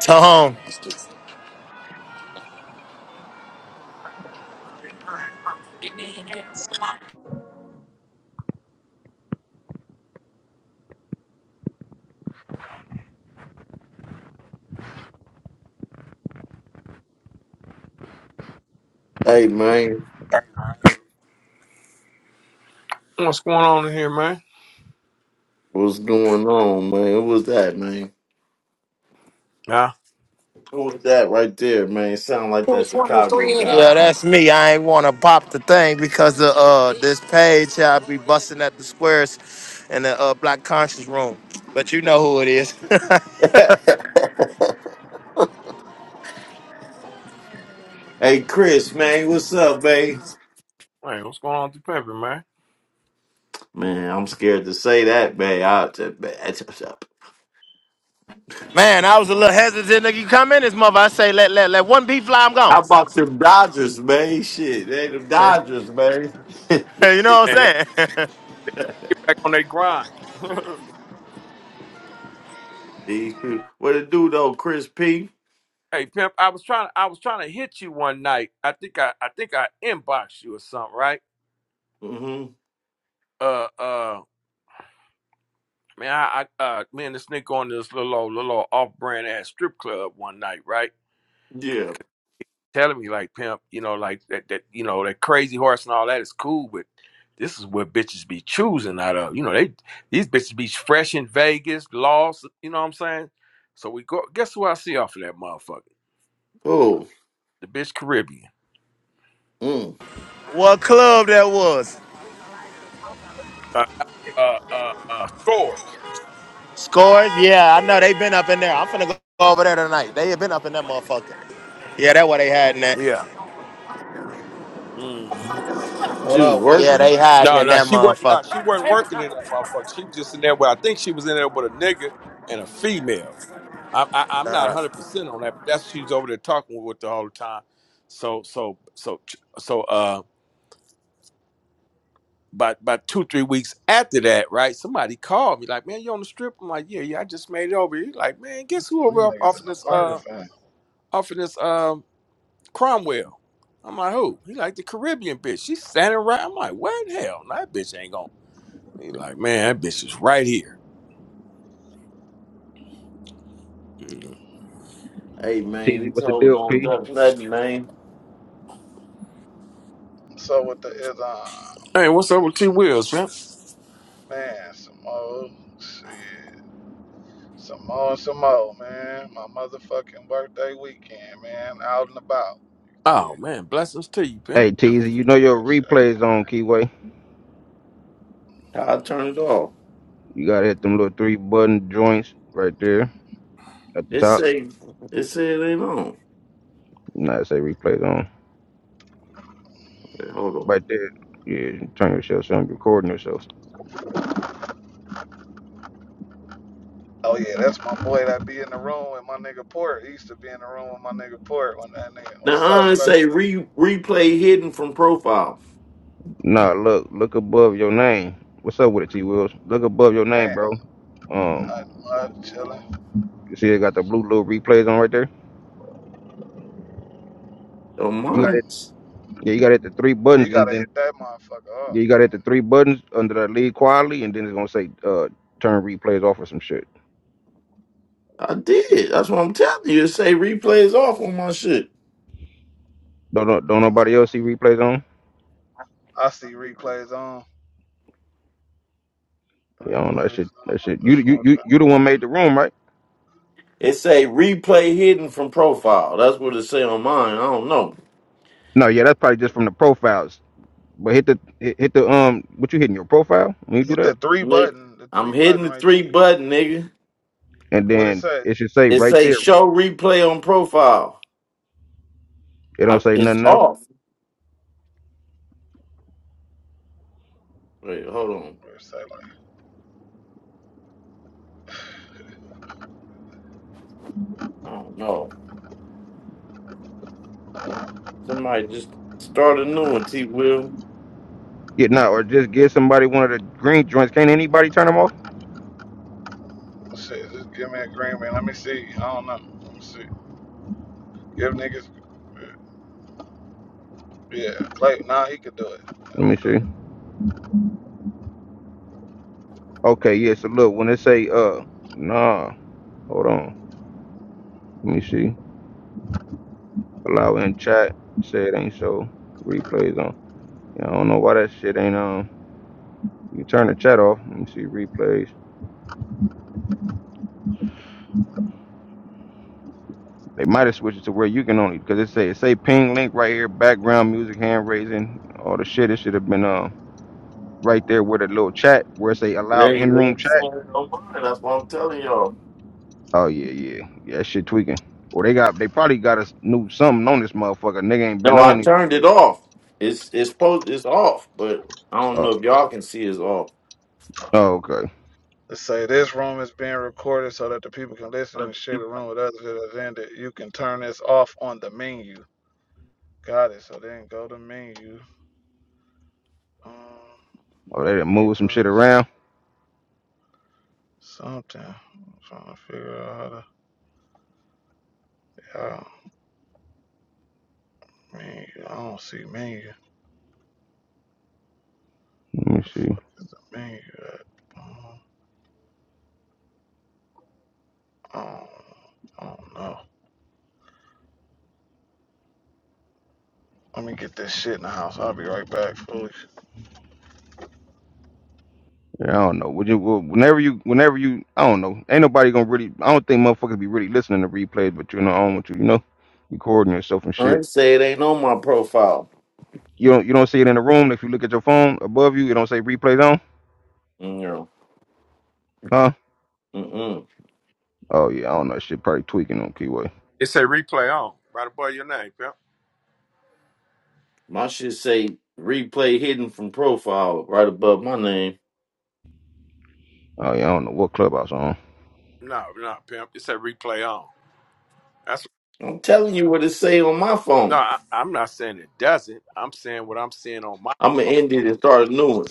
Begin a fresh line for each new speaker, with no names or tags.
Tom.
Hey man,
What's going on in here, man?
what's going on, man? Who was that, man?
Nah.
Who was that right there, man? Sound like that Chicago guy.
Yeah,
I know.
that's me. I ain't wanna pop the thing because of uh this page I'll be busting at the squares in the uh black conscious room. But you know who it is.
hey Chris, man, what's up, babe?
Hey, what's going on with the pimping, man?
Man, I'm scared to say that, man. I, that- man, that's what's up.
Man, I was a little hesitant to come in this mother. I say let let let one beat fly, I'm
how
gone.
about them Dodgers, man? Shit, they the
you
Dodgers, man.
know what
And they,
I'm saying?
they get back on their grind.
These people- what it do though, Chris P?
hey, pimp, I was trying I was trying to hit you one night. I think I I think I inboxed you or something, right?
Mm-hmm.
Uh uh man, I, I uh me and this nigga on this little old little off brand ass strip club one night, right?
Yeah.
telling me like pimp, you know, like that that you know that crazy horse and all that is cool, but this is what bitches be choosing out of. You know, they these bitches be fresh in Vegas, lost. You know what I'm saying? So we go. Guess who I see off of that motherfucker?
Oh,
The bitch Caribbean.
mm.
what club that was?
Uh, uh, uh, uh scores.
Scores? Yeah, I know they been up in there. I'm finna go over there tonight. They have been up in that motherfucker. Yeah, that what they hiding that.
Yeah. hmm
What
she was
up with
Yeah,
it,
working.
they
man?
hiding
No,
in
no,
that
she wasn't.
motherfucker.
Nah, she wasn't working in that motherfucker. She was just in there. With, I think she was in there with a nigga and a female. I, I, I'm not 100 percent on that, but that's she's over there talking with her all the time. So so so so uh, by by two three weeks after that, right? Somebody called me like, "Man, you on the strip?" I'm like, "Yeah, yeah, I just made it over." here." like, "Man, guess who over
These
off,
niggas
off
in
of
the
this
murder
uh
van.
off of this um Cromwell?" I'm like, "Who?" He like the Caribbean bitch. She's standing right. I'm like, "What in hell? No, That bitch ain't gonna." He like, "Man, that bitch is right here." Mm.
Hey man,
Teasy,
these
what's the
hoes
deal,
don't
P?
duck nothing, man.
So with the is um
Hey, what's up with T Wheels, man?
man, some more shit. Some more, some more, man. My motherfucking birthday weekend, man. Out and about. You
Oh
dig?
man, blessings to you, man.
Hey,
How
Teasy, you know your
Appreciate it.
replays on Keyway.
i turn it off.
You gotta hit them little three button joints right there at the
It
top.
say it say it ain't on.
Nah, it say replays on
Wait, hold on.
right there. Yeah, turn yourself so I'm recording yourself.
Oh yeah, that's my boy that be in the room with my nigga Port. He used to be in the room with my nigga Port when that nigga What's
Now
up,
I
Clay?
say re replay hidden from profile.
Nah, look, look above your name. What's up with it, T Wills? Look above your name,
Man,
bro. Um,
nothing much chilling.
you see it got the blue little replays on right there.
On
You got
mine,
it. Yeah, you got to hit the three
You
buttons, and
gotta
then
hit that motherfucker
yeah,
off,
you got to hit the
man.
three buttons under that lead quality, and then it's gonna say uh turn replays off or some shit.
I did. That's what I'm telling you. It say replay is off on my shit.
Don't don't don't nobody
Uh,
else see replays on?
I see replays on.
Yeah, I don't know. That
Replays.
shit. That
uh,
shit. You
which
you
one's
you you the
that?
one made the room, right?
It say replay hidden from profile. That's what it say on mine. I don't know,
No, yeah, that's probably just from the profiles. But hit the hit, hit the um. What you hitting your profile when you do
Hit
that?
the three
nigga.
button. The
I'm
three
hitting
button
the
right
three
there.
button, nigga.
And
What it
then
say?
it should say
It
right
say
there.
show replay on profile.
It don't
I,
say
it's
nothing else.
off. Wait, hold on.
What it say like
I don't know. Somebody just start a new one. T. Will.
Yeah, no, or just give somebody one of the green joints. Can't anybody turn them off?
oh, shit. Just give me a green man. Let me see. I don't know. Let me see. Give niggas. Yeah, Like Nah, he could do it. Let
Let me
him do it.
see. Okay, yeah. So look, when it say uh, nah, hold on. Let me see. Allow in chat. Say it ain't so. Replays on. Yeah, I don't know why that shit ain't um. You turn the chat off. Let me see replays. They might have switched it to where you can only because it say it say ping link right here, background music, hand raising, all the shit. It should have been um right there with a little chat where it say allow
There you
in room
go.
chat.
Sorry, don't mind. That's what I'm telling y'all.
Oh yeah, yeah, yeah. that Shit tweaking. Or they got they probably got a s- new something on this motherfucker. Nigga ain't been
No, I
on it. So
turned
they
it off. It's it's supposed it's off, but I don't
oh
know if y'all can see it's off.
oh okay.
Let's say this room is being recorded so that the people can listen
But
and
the
share the
people-
room with others that have ended. You can turn this off on the menu. Got it. So then go to menu. Um,
Oh they done moved some shit
replays.
around.
Something. I'm trying to figure out how to. Yeah, menu. I don't see menu.
Let me
the
see.
fuck is the menu at? Um, I don't, I don't know. Let me get this shit in the house. I'll be right back, fully.
Yeah, I don't know. Would you well, whenever you whenever you I don't know. Ain't nobody gonna really. I don't think motherfuckers be really listening to replays, but you know I don't want you you know recording yourself and
I
shit.
didn't say it ain't on my profile.
You don't you don't see it in the room. If you look at your phone above you, it don't say replays on.
You know,
Huh?
mm-mm.
Oh yeah, I don't know. Shit probably tweaking on keyway.
It say replay on right above your name, pimp.
My shit say replay hidden from profile right above my name.
Oh yeah, I don't know what clubhouse on.
No, not pimp. It say replay on. That's
I'm telling you what it say on my
no.
phone.
I, I'm not saying it doesn't. I'm saying what I'm seeing on my.
I'm gonna end it and start a new one.